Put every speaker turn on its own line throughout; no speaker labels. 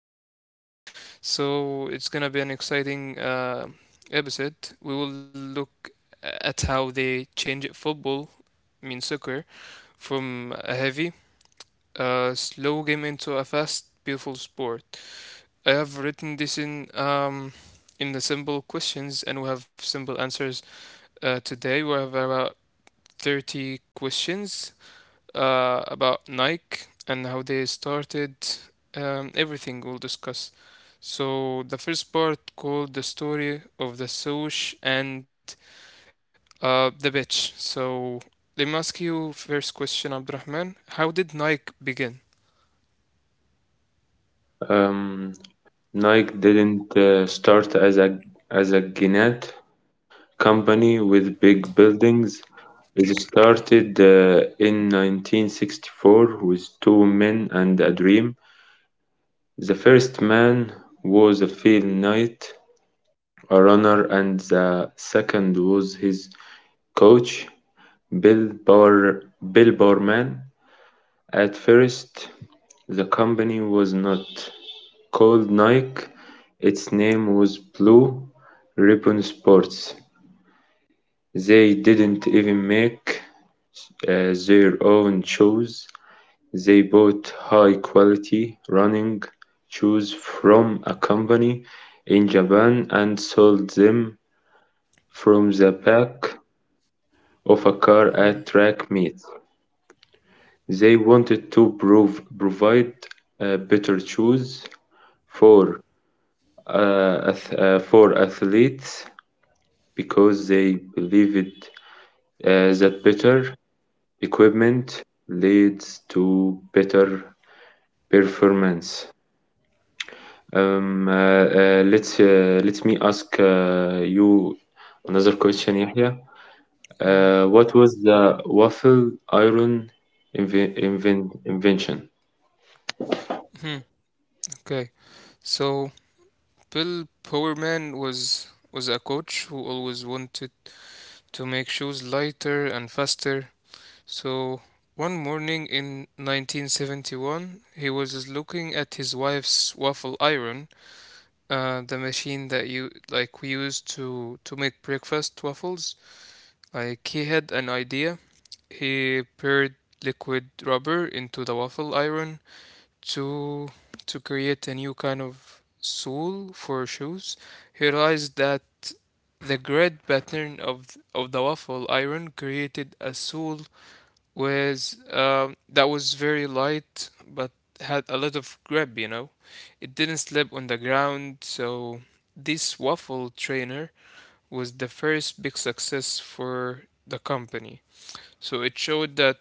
about Nike. So, it's gonna be an exciting episode. We will look at how they changed football, I mean soccer, from a heavy, slow game into a fast, beautiful sport. I have written this in the simple questions, and we have simple answers today. We have about 30 questions about Nike and how they started. Everything we'll discuss. So the first part called the story of the Soch and the bitch. So let me ask you first question, Abdurrahman. How did Nike begin?
Um, Nike didn't start as a Gannett company with big buildings. It started in 1964 with two men and a dream. The first man was a field knight, a runner, and the second was his coach, Bill Bower, Bill Bowerman. At first, the company was not called Nike, its name was Blue Ribbon Sports. They didn't even make their own shoes. They bought high quality running shoes from a company in Japan and sold them from the back of a car at
Hmm,
track meets. They wanted to provide better shoes for for athletes because they believe it that better equipment leads to better performance. Let me ask you another question, Yahya.
yeah.
What was the waffle iron invention?
Hmm, okay. So Bill Powerman was a coach who always wanted to make shoes lighter and faster. So one morning in 1971, he was looking at his wife's waffle iron, the machine that you like we used to make breakfast waffles. Like he had an idea. He poured liquid rubber into the waffle iron to to create a new kind of sole for shoes. He realized that the grid pattern of of the waffle iron created a sole with that was very light but had a lot of grip. You know, it didn't slip on the ground. So this waffle trainer was the first big success for the company. So it showed that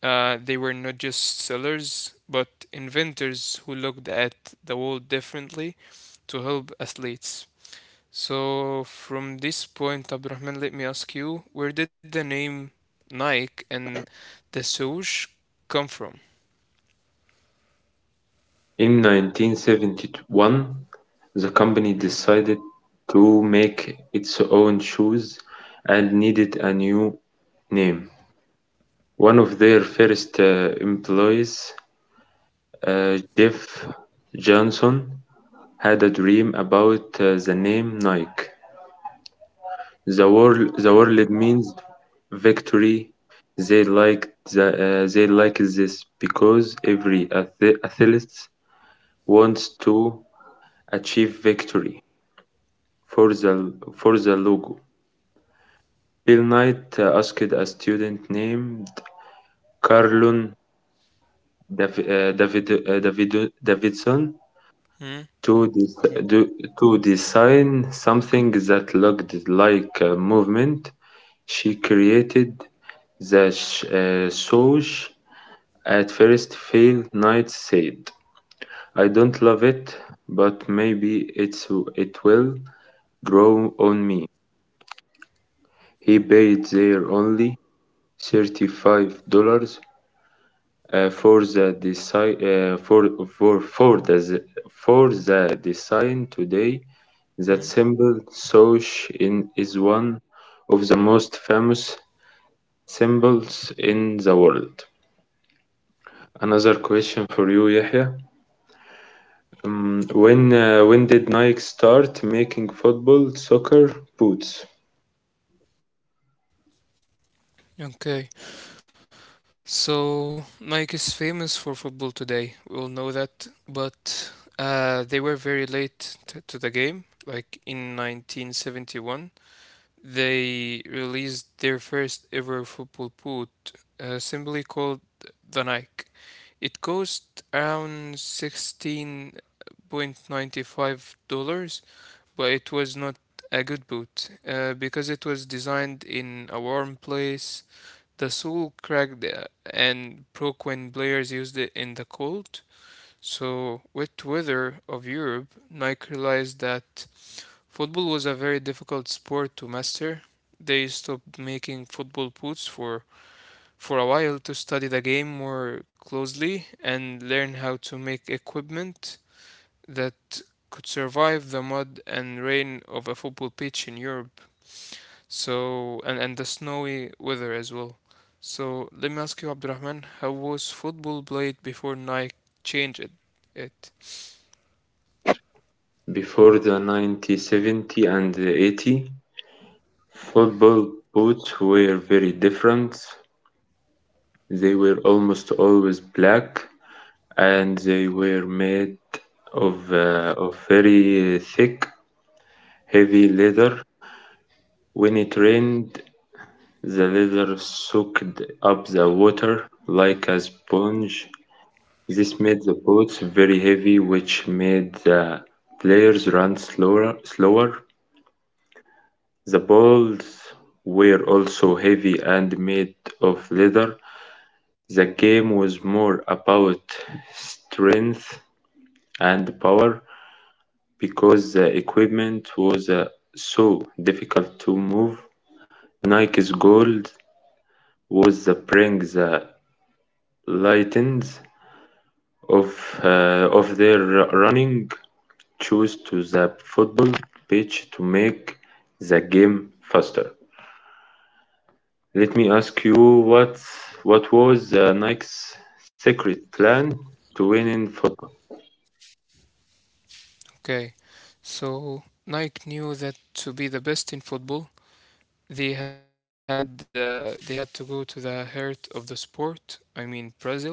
they were not just sellers, but inventors who looked at the world differently to help athletes. So from this point, Abdurrahman, let me ask you, where did the name Nike and the swoosh come from?
In 1971, the company
Mm.
decided to make its own shoes and needed a new name. One of their first employees, Jeff Johnson, had a dream about the name Nike. The word means victory. They liked the, they like this because every athlete wants to achieve victory. For the logo, Bill Knight asked a student named Carlon Dav- David Davido- Davidson to
Mm,
des- do-
okay.
to design something that looked like a movement. She created sauce. At first, Bill Knight said, "I don't love it, but maybe it's it will grow on me." He paid their only $35 uh, for the design uh, for for for the for the design today. That
Mm.
symbol Soch in is one of the most famous symbols in the world. Another question for you, Yahya. When did Nike start making football soccer boots?
Okay. So, Nike is famous for football today. We all know that, but they were very late to the game. Like in 1971, they released their first ever football boot, simply called the Nike. It cost around $16.95, but it was not a good boot because it was designed in a warm place. The soul cracked and broke when players used it in the cold. So, wet weather of Europe, Nike realized that football was a very difficult sport to master. They stopped making football boots for a while to study the game more closely and learn how to make equipment that could survive the mud and rain of a football pitch in Europe. So, and the snowy weather as well. So, let me ask you, Abdurrahman, how was football played before Nike changed it?
Before the 1970 and the 80, football boots were very different. They were almost always black, and they were made of very thick, heavy leather. When it rained, the leather soaked up the water like a sponge. This made the boats very heavy, which made the players run slower. The balls were also heavy and made of leather. The game was more about strength and power because the equipment was so difficult to move. Nike's goal was to bring the lightness of of their running shoes to the football pitch to make the game faster. Let me ask you what what was Nike's secret plan to win in football?
Okay, so Nike knew that to be the best in football, they had to go to the heart of the sport. I mean Brazil.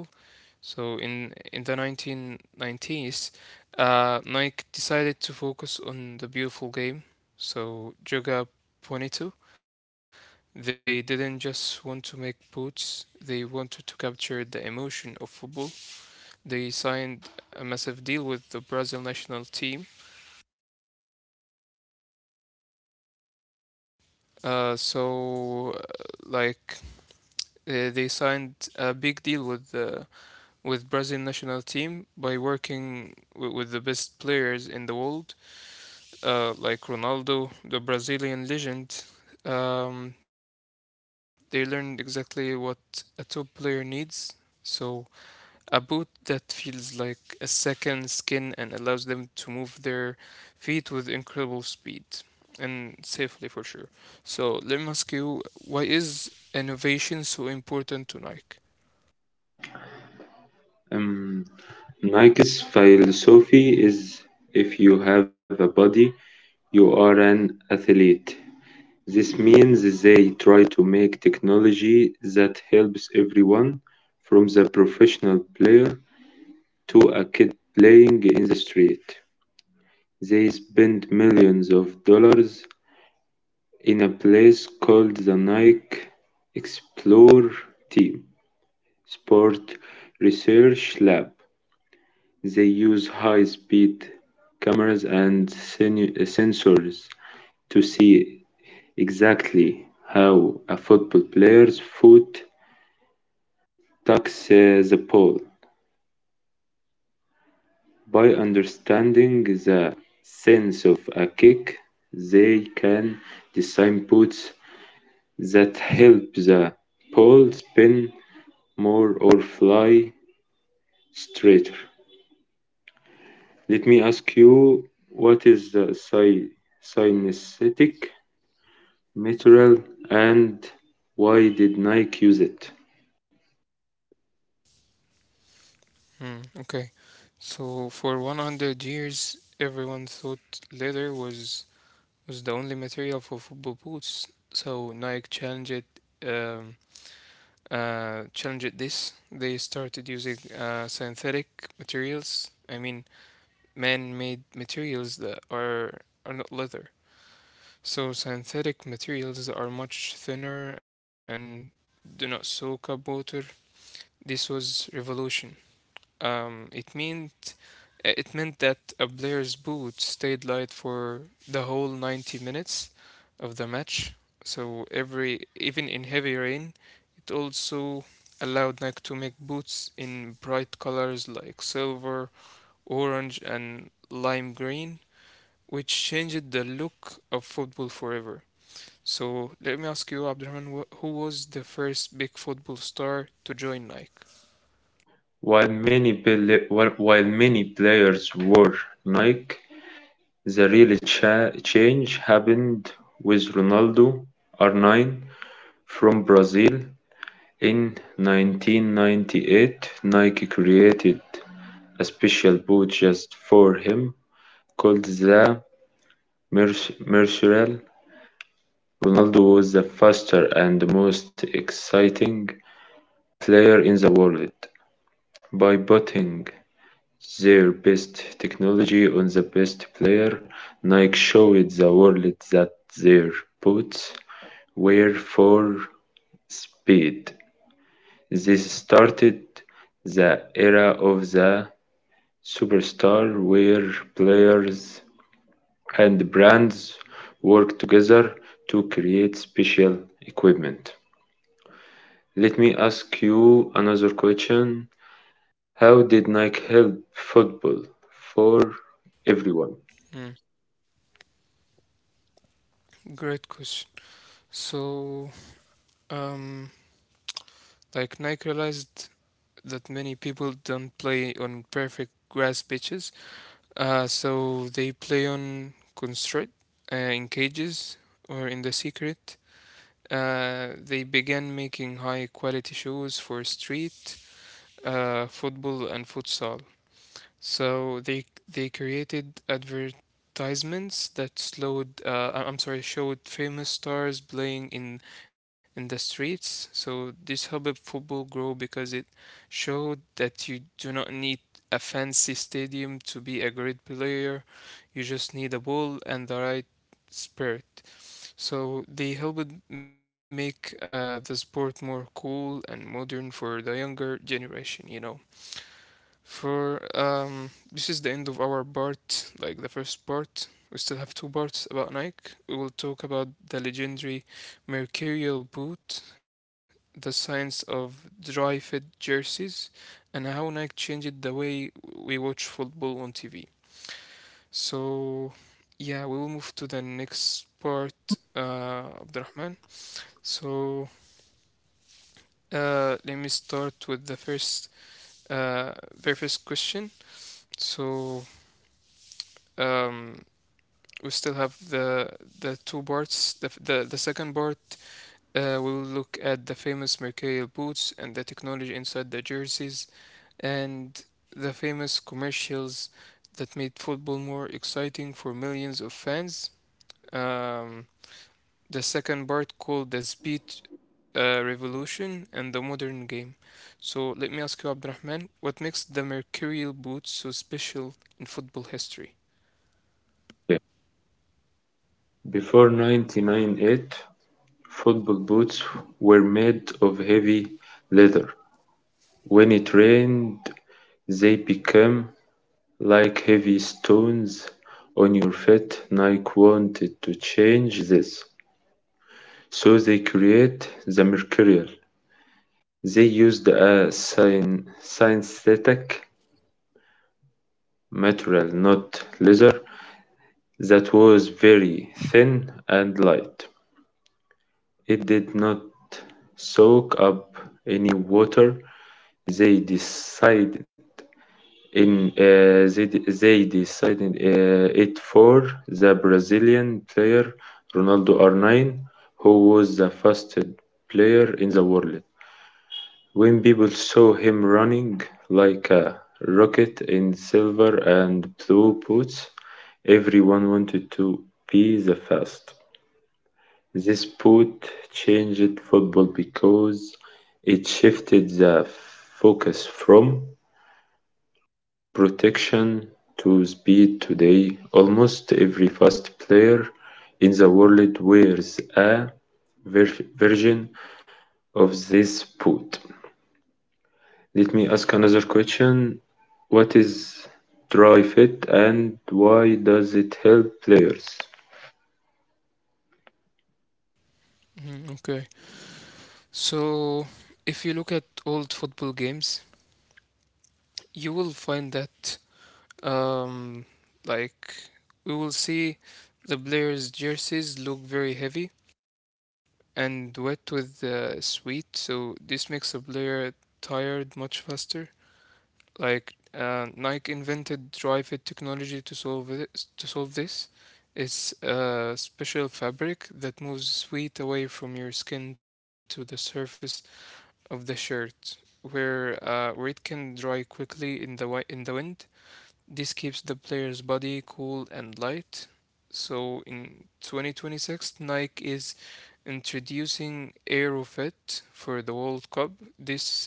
So in the 1990s, Nike decided to focus on the beautiful game. So Joga Bonito. They didn't just want to make boots, they wanted to capture the emotion of football. They signed a massive deal with the Brazil national team. So, like, they signed a big deal with Brazil national team by working with the best players in the world, like Ronaldo, the Brazilian legend. They learned exactly what a top player needs. So a boot that feels like a second skin and allows them to move their feet with incredible speed, and safely for sure. So let me ask you, why is innovation so important to Nike?
Um, Nike's philosophy is if you have a body, you are an athlete. This means they try to make technology that helps everyone, from the professional player to a kid playing in the street. They spend millions of dollars in a place called the Nike Explore Team Sport Research Lab. They use high speed cameras and sensors to see exactly how a football player's foot tucks the ball. By understanding the sense of a kick, they can design boots that help the ball spin more or fly straighter. Let me ask you, what is the synesthetic material and why did Nike use it?
Hmm, okay. So for 100 years, everyone thought leather was the only material for football boots. So Nike um, challenged this. They started using synthetic materials. I mean, man-made materials that are not leather. So synthetic materials are much thinner and do not soak up water. This was revolution. Um, it mean It meant that a player's boot stayed light for the whole 90 minutes of the match. So every even in heavy rain, it also allowed Nike to make boots in bright colors like silver, orange, and lime green, which changed the look of football forever. So let me ask you, Abdurrahman, who was the first big football star to join Nike?
While many players wore Nike, the real change happened with Ronaldo Arnine from Brazil. In 1998, Nike created a special boot just for him called the Mer Mercurial. Ronaldo was the faster and most exciting player in the world. By booting their best technology on the best player, Nike showed the world that their boots were for speed. This started the era of the superstar where players and brands work together to create special equipment. Let me ask you another question. How did Nike help football for everyone?
Mm, great question. So, um, Like Nike realized that many people don't play on perfect grass pitches, so they play on constraint, in cages, or in the secret. They began making high quality shoes for street football and futsal. So they created advertisements that slowed, I'm sorry, showed famous stars playing in the streets. So this helped football grow because it showed that you do not need a fancy stadium to be a great player. You just need a ball and the right spirit. So they helped make the sport more cool and modern for the younger generation. For this is the end of our part, like the first part. We still have two parts about Nike. We will talk about the legendary Mercurial boot, the science of dry fit jerseys, and how Nike changed the way we watch football on TV. So, yeah, we will move to the next part, Abdurrahman. So, let me start with the first, very first question. So, um, we still have the two parts. The second part will look at the famous Mercurial boots and the technology inside the jerseys and the famous commercials that made football more exciting for millions of fans. Um, the second part called the Speed Revolution and the Modern Game. So let me ask you, Abdurrahman, what makes the Mercurial boots so special in football history?
Yeah. Before 1998, football boots were made of heavy leather. When it rained they became like heavy stones on your feet. Nike wanted to change this, so they created the material. They used a synthetic material, not leather, that was very thin and light. It did not soak up any water. They decided they decided it for the Brazilian player Ronaldo R9, who was the fastest player in the world. When people saw him running like a rocket in silver and blue boots, everyone wanted to be the fast. This boot changed football because it shifted the focus from protection to speed today. Almost every fast player in the world wears a version of this boot. Let me ask another question. What is dry fit and why does it help players?
Mhm, okay. So, if you look at old football games, you will find that, um, like, we will see the players' jerseys look very heavy and wet with sweat. So, this makes a player tired much faster. Like, Nike invented Dry Fit technology to solve it, to solve this. It's a special fabric that moves sweat away from your skin to the surface of the shirt where it can dry quickly in the wind. This keeps the player's body cool and light. So in 2026, Nike is introducing AeroFit for the World Cup. This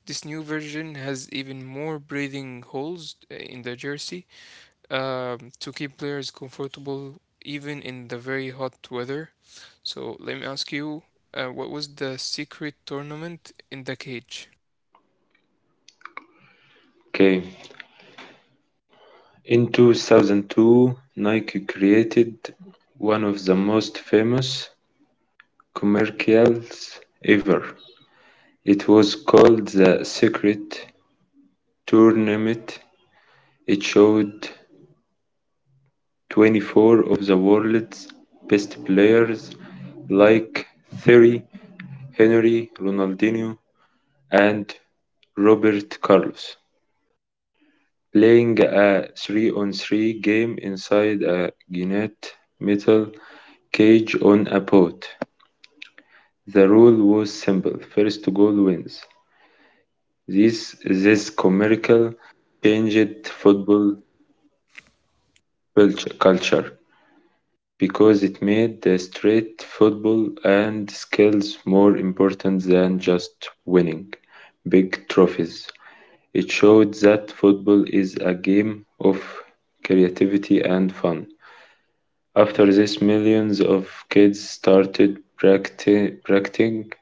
this new version has even more breathing holes in the jersey to keep players comfortable even in the very hot weather. So let me ask you, what was the secret tournament in the cage?
Okay. In 2002, Nike created one of the most famous commercials ever. It was called the Secret Tournament. It showed 24 of the world's best players like Thierry Henry, Ronaldinho, and Roberto Carlos playing a 3 on 3 game inside a giant metal cage on a boat. The rule was simple, first goal wins. This commercial changed football culture because it made the street football and skills more important than just winning big trophies. It showed that football is a game of creativity and fun. After this, millions of kids started practicing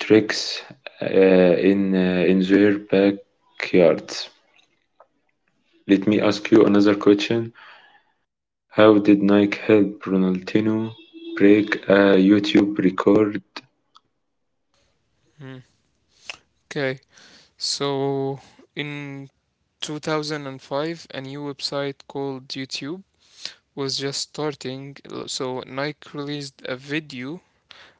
tricks uh, in their backyards. Let me ask you another question. How did Nike help Ronaldinho break a YouTube record?
Okay, so in 2005, a new website called YouTube was just starting. So Nike released a video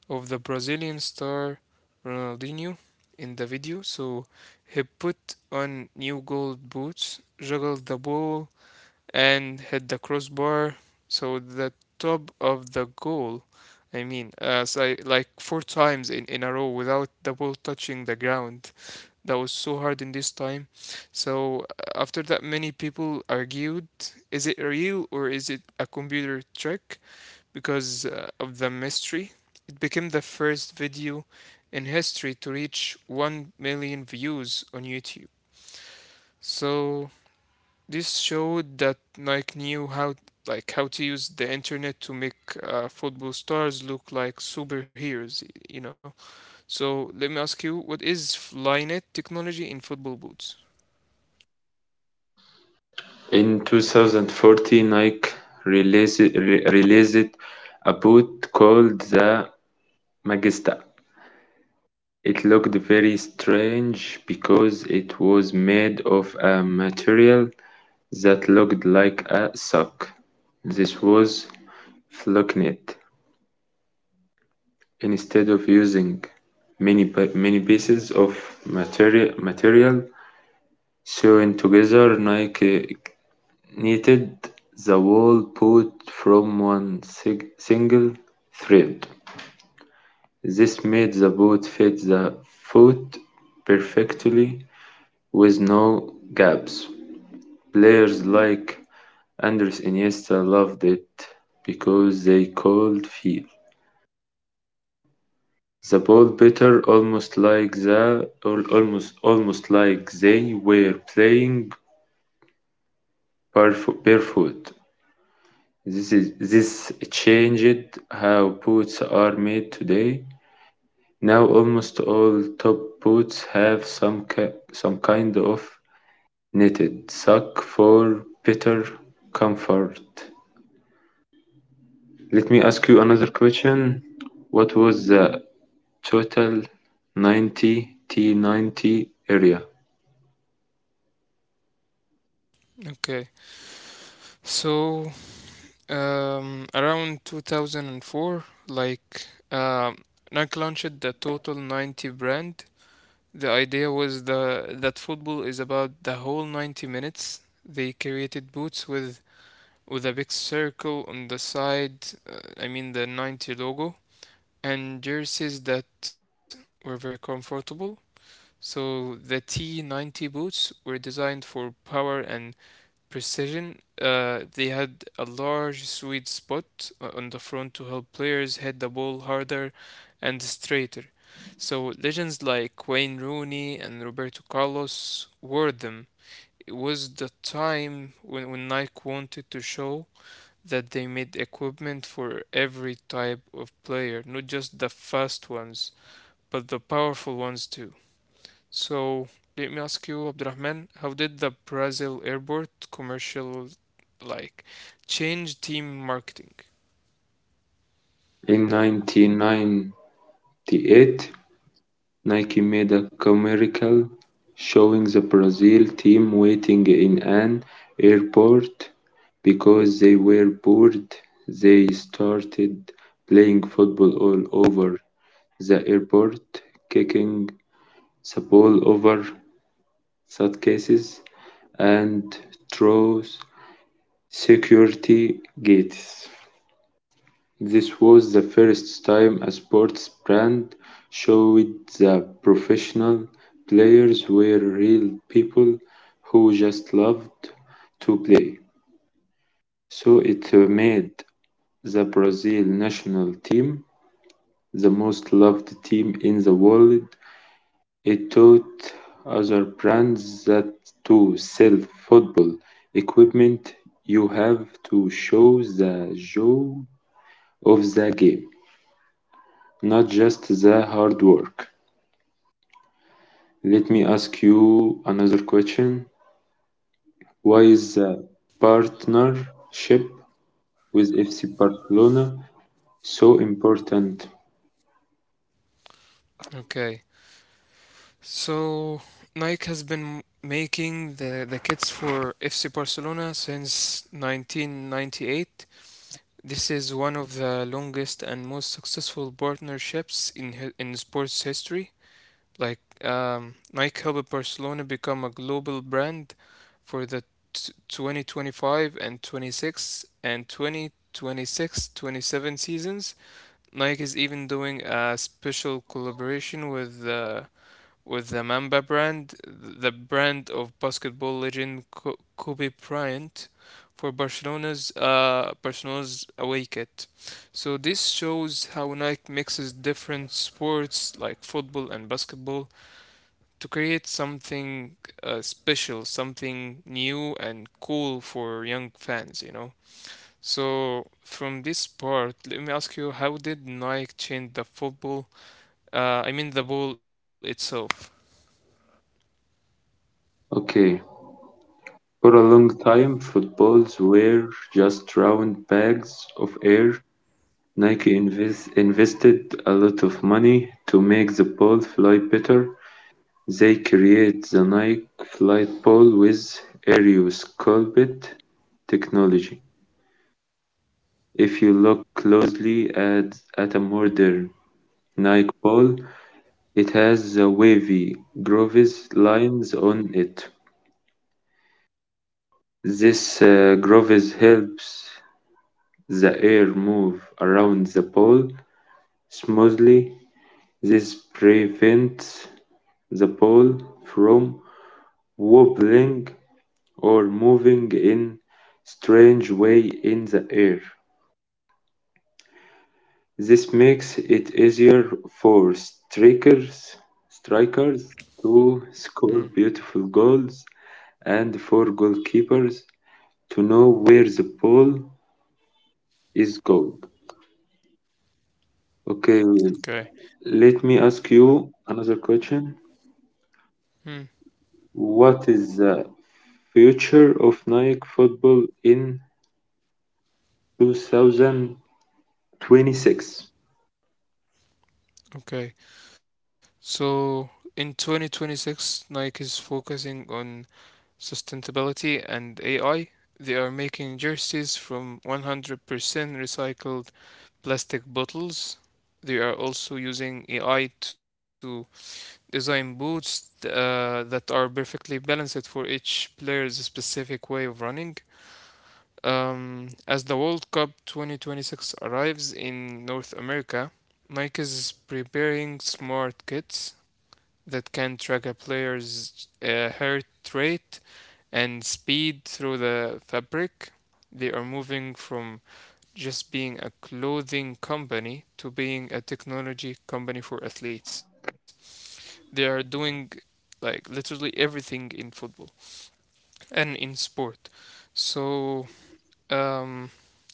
of the Brazilian star Ronaldinho in the video. So he put on new gold boots, juggled the ball and hit the crossbar. So the top of the goal, I mean, so I, like four times in a row without the ball touching the ground. That was so hard in this time. So, after that, many people argued, is it real or is it a computer trick? Because of the mystery. It became the first video in history to reach 1 million views on YouTube. So this showed that Nike knew how to use the internet to make football stars look like superheroes. So let me ask you, what is Flynet technology in football boots?
In 2014, Nike re- released a boot called the Magista. It looked very strange because it was made of a material that looked like a sock. This was Flocnet. Instead of using many pieces of material sewn together, Nike knitted the wool boot from one single thread. This made the boot fit the foot perfectly with no gaps. Players like Andres Iniesta loved it because they could feel the ball better, almost like they were playing barefoot. This changed how boots are made today. Now almost all top boots have some kind of knitted sock for better comfort. Let me ask you another question. What was the total 90 T90 area
Okay, so around 2004, like Nike launched the Total 90 brand. The idea was the that football is about the whole 90 minutes. They created boots with a big circle on the side, I mean the 90 logo, and jerseys that were very comfortable. So the T90 boots were designed for power and precision. They had a large sweet spot on the front to help players hit the ball harder and straighter. So legends like Wayne Rooney and Roberto Carlos wore them. It was the time when Nike wanted to show that they made equipment for every type of player, not just the fast ones, but the powerful ones too. So let me ask you, Abdurrahman, how did the Brazil airport commercial like change team marketing?
in 1998? Nike made a commercial showing the Brazil team waiting in an airport because they were bored. They started playing football all over the airport, kicking the ball over suitcases and through security gates. This was the first time a sports brand showed that professional players were real people who just loved to play. So it made the Brazil national team the most loved team in the world. It taught other brands that to sell football equipment, you have to show the joy of the game, not just the hard work. Let me ask you another question. Why is the partnership with FC Barcelona so important?
Okay, so Nike has been making the kits for FC Barcelona since 1998. This is one of the longest and most successful partnerships in in sports history. Like Nike helped Barcelona become a global brand for the 2025 and 26 and 2026 27 seasons. Nike is even doing a special collaboration with the Mamba brand, the brand of basketball legend Kobe Bryant, for Barcelona's away kit. So this shows how Nike mixes different sports like football and basketball to create something special, something new and cool for young fans. So, from this part, let me ask you how did Nike change the football? The ball itself.
Okay, for a long time, footballs were just round bags of air. Nike invested a lot of money to make the ball fly better. They create the Nike Flight Ball with aerosculpt technology. If you look closely at a modern Nike ball, it has the wavy grooves lines on it. This groove helps the air move around the ball smoothly. This prevents the ball from wobbling or moving in strange way in the air. This makes it easier for strikers to score
Mm,
beautiful goals and for goalkeepers to know where the ball is going. Okay,
okay.
let me ask you another question.
Mm,
What is the future of Nike football in 2026?
okay. So, in 2026, Nike is focusing on sustainability and AI. They are making jerseys from 100% recycled plastic bottles. They are also using AI to design boots that are perfectly balanced for each player's specific way of running. As the World Cup 2026 arrives in North America, Nike is preparing smart kits that can track a player's heart rate and speed through the fabric. They are moving from just being a clothing company to being a technology company for athletes. They are doing like literally everything in football and in sport. So, um,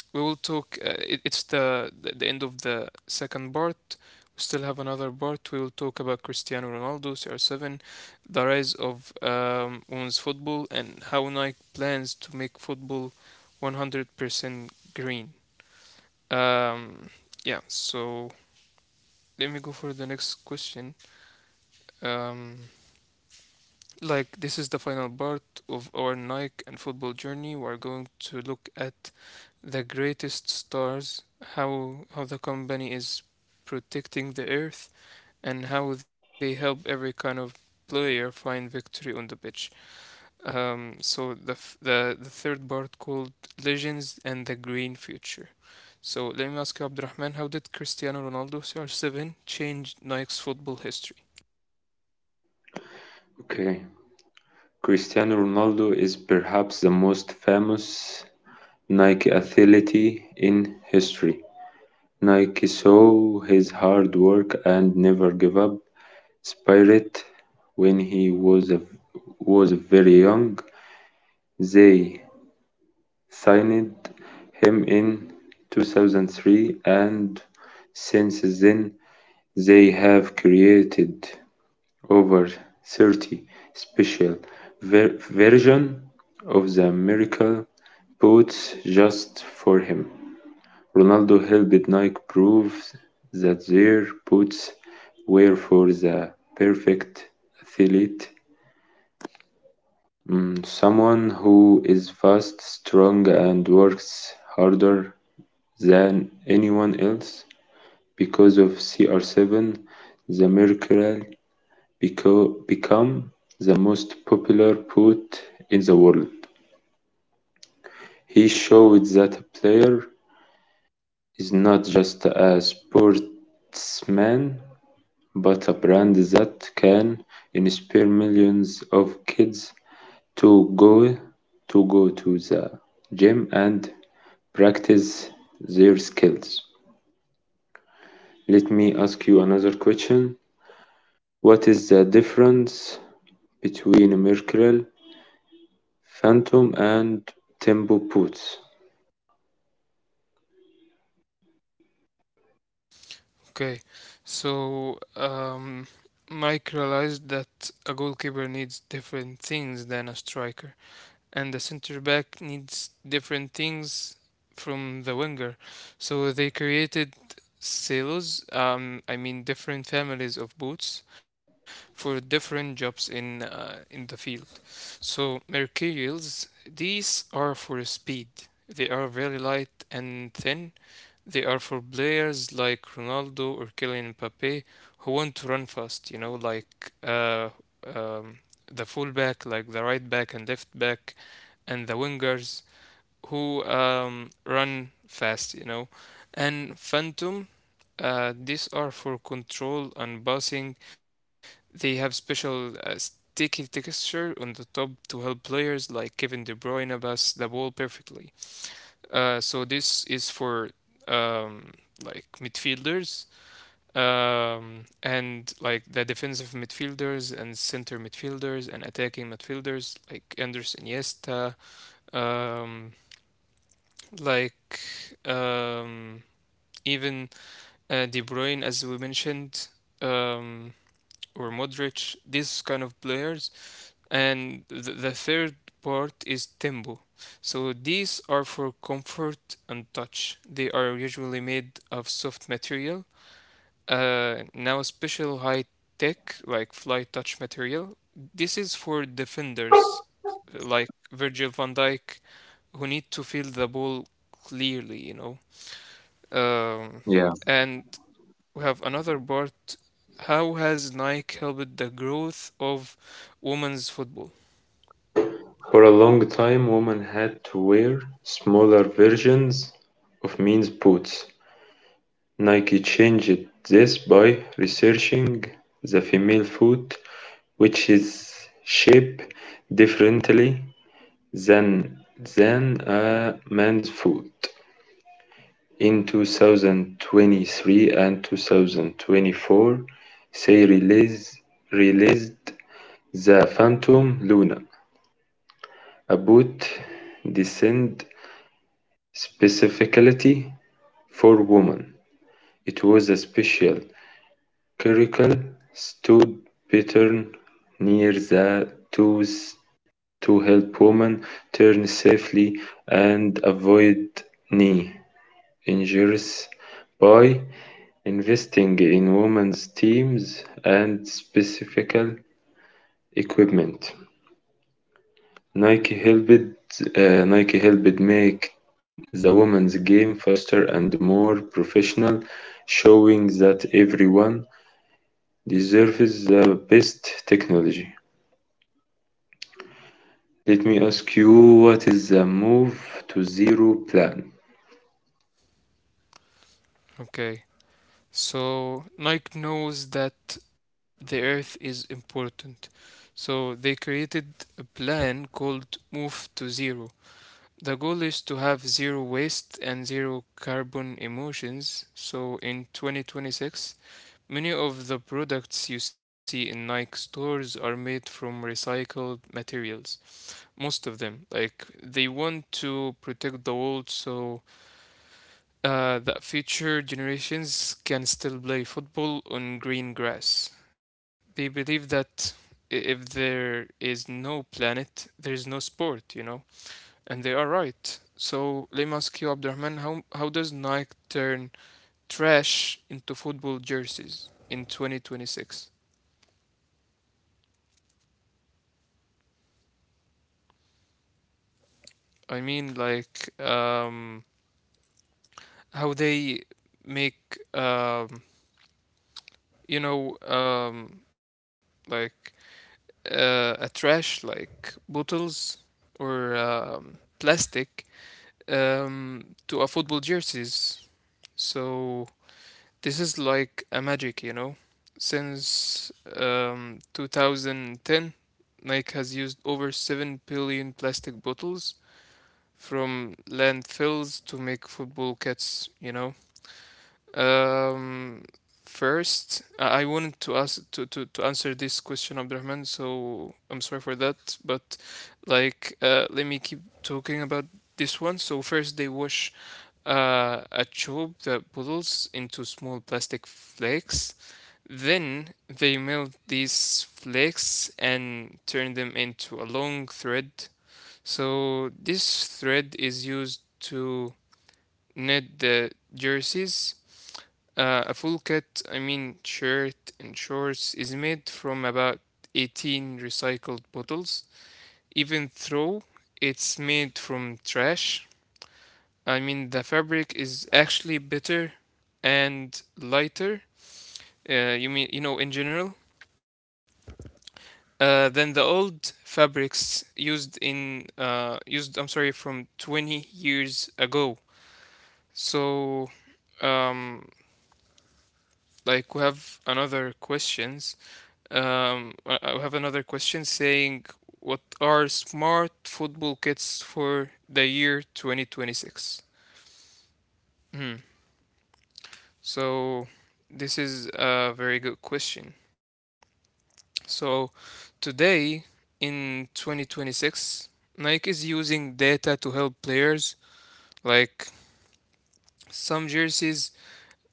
we will talk. It's the end of the second part. We still have another part. We will talk about Cristiano Ronaldo, CR7, the rise of women's football, and how Nike plans to make football 100% green. Um, yeah. So let me go for the next question. Um, like this is the final part of our Nike and football journey. We're going to look at the greatest stars, how the company is protecting the earth, and how they help every kind of player find victory on the pitch. So the, f- the third part called Legends and the Green Future. So let me ask you, Abdurrahman, how did Cristiano Ronaldo CR7 change Nike's football history?
Okay. Cristiano Ronaldo is perhaps the most famous Nike athlete in history. Nike saw his hard work and never give up spirit when he was very young. They signed him in 2003 and since then they have created over 30 special version of the miracle boots just for him. Ronaldo helped Nike prove that their boots were for the perfect athlete, mm, someone who is fast, strong, and works harder than anyone else. Because of CR7, the Mercurial become the most popular boot in the world. He showed that a player is not just a sportsman but a brand that can inspire millions of kids to go to go to the gym and practice their skills. Let me ask you another question. What is the difference between Mercurial, Phantom, and Tempo boots?
Okay, so Mike realized that a goalkeeper needs different things than a striker, and the center back needs different things from the winger. So they created silos, I mean different families of boots for different jobs in the field. So Mercurials, these are for speed. They are very light and thin, they are for players like Ronaldo or Kylian Mbappe who want to run fast, you know, like um, the fullback, like the right back and left back, and the wingers who run fast, you know. And Phantom, these are for control and passing. They have special sticky texture on the top to help players like Kevin De Bruyne pass the ball perfectly. So this is for um, like midfielders, and like the defensive midfielders and center midfielders and attacking midfielders like Anders Iniesta, um, like um, even De Bruyne as we mentioned, um, or Modric. These kind of players, and the third part is tempo. So these are for comfort and touch. They are usually made of soft material. Now special high tech like fly touch material. This is for defenders like Virgil van Dijk who need to feel the ball clearly, you know. Um,
Yeah.
and we have another part. How has Nike helped the growth of women's football?
For a long time, women had to wear smaller versions of men's boots. Nike changed this by researching the female foot, which is shaped differently than than a man's foot. In 2023 and 2024, they released the Phantom Luna, a boot designed specifically for women. It was a special Caracal stood Bittern near the Toes to help women turn safely and avoid knee injuries. By investing in women's teams and specific equipment, Nike helped make the women's game faster and more professional, showing that everyone deserves the best technology. Let me ask you, what is the move to zero plan?
Okay. So Nike knows that the earth is important. So they created a plan called Move to Zero. The goal is to have zero waste and zero carbon emissions. So in 2026, many of the products you see in Nike stores are made from recycled materials. Most of them. Like they want to protect the world, so that future generations can still play football on green grass. They believe that if there is no planet, there is no sport, you know? And they are right. So let me ask you, Abdurrahman, how does Nike turn trash into football jerseys in 2026? I mean, like, how they make, you know, um, like a trash like bottles or plastic to a football jerseys. So this is like a magic, you know. Since 2010, Nike has used over 7 billion plastic bottles from landfills to make football kits, you know. Um, First, I wanted to ask to answer this question, Abdurrahman, so I'm sorry for that, but like let me keep talking about this one. So first they wash a tube that puddles into small plastic flakes. Then they melt these flakes and turn them into a long thread. So this thread is used to knit the jerseys. A full kit, I mean shirt and shorts, is made from about 18 recycled bottles. Even though it's made from trash, I mean the fabric is actually better and lighter. You mean you know in general, than the old fabrics used in used. I'm sorry, from 20 years ago. So, um, like we have another questions. I have another question saying, what are smart football kits for the year 2026? Hmm. So, this is a very good question. So, today in 2026, Nike is using data to help players. Like some jerseys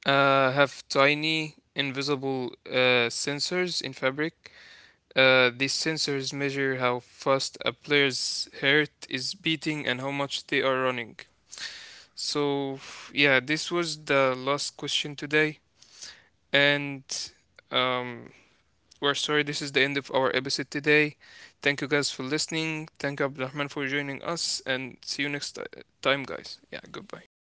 have tiny invisible sensors in fabric. These sensors measure how fast a player's heart is beating and how much they are running. So, yeah, this was the last question today. And um, we're sorry, this is the end of our episode today. Thank you guys for listening. Thank Abdurrahman for joining us. And see you time, guys. Yeah, goodbye.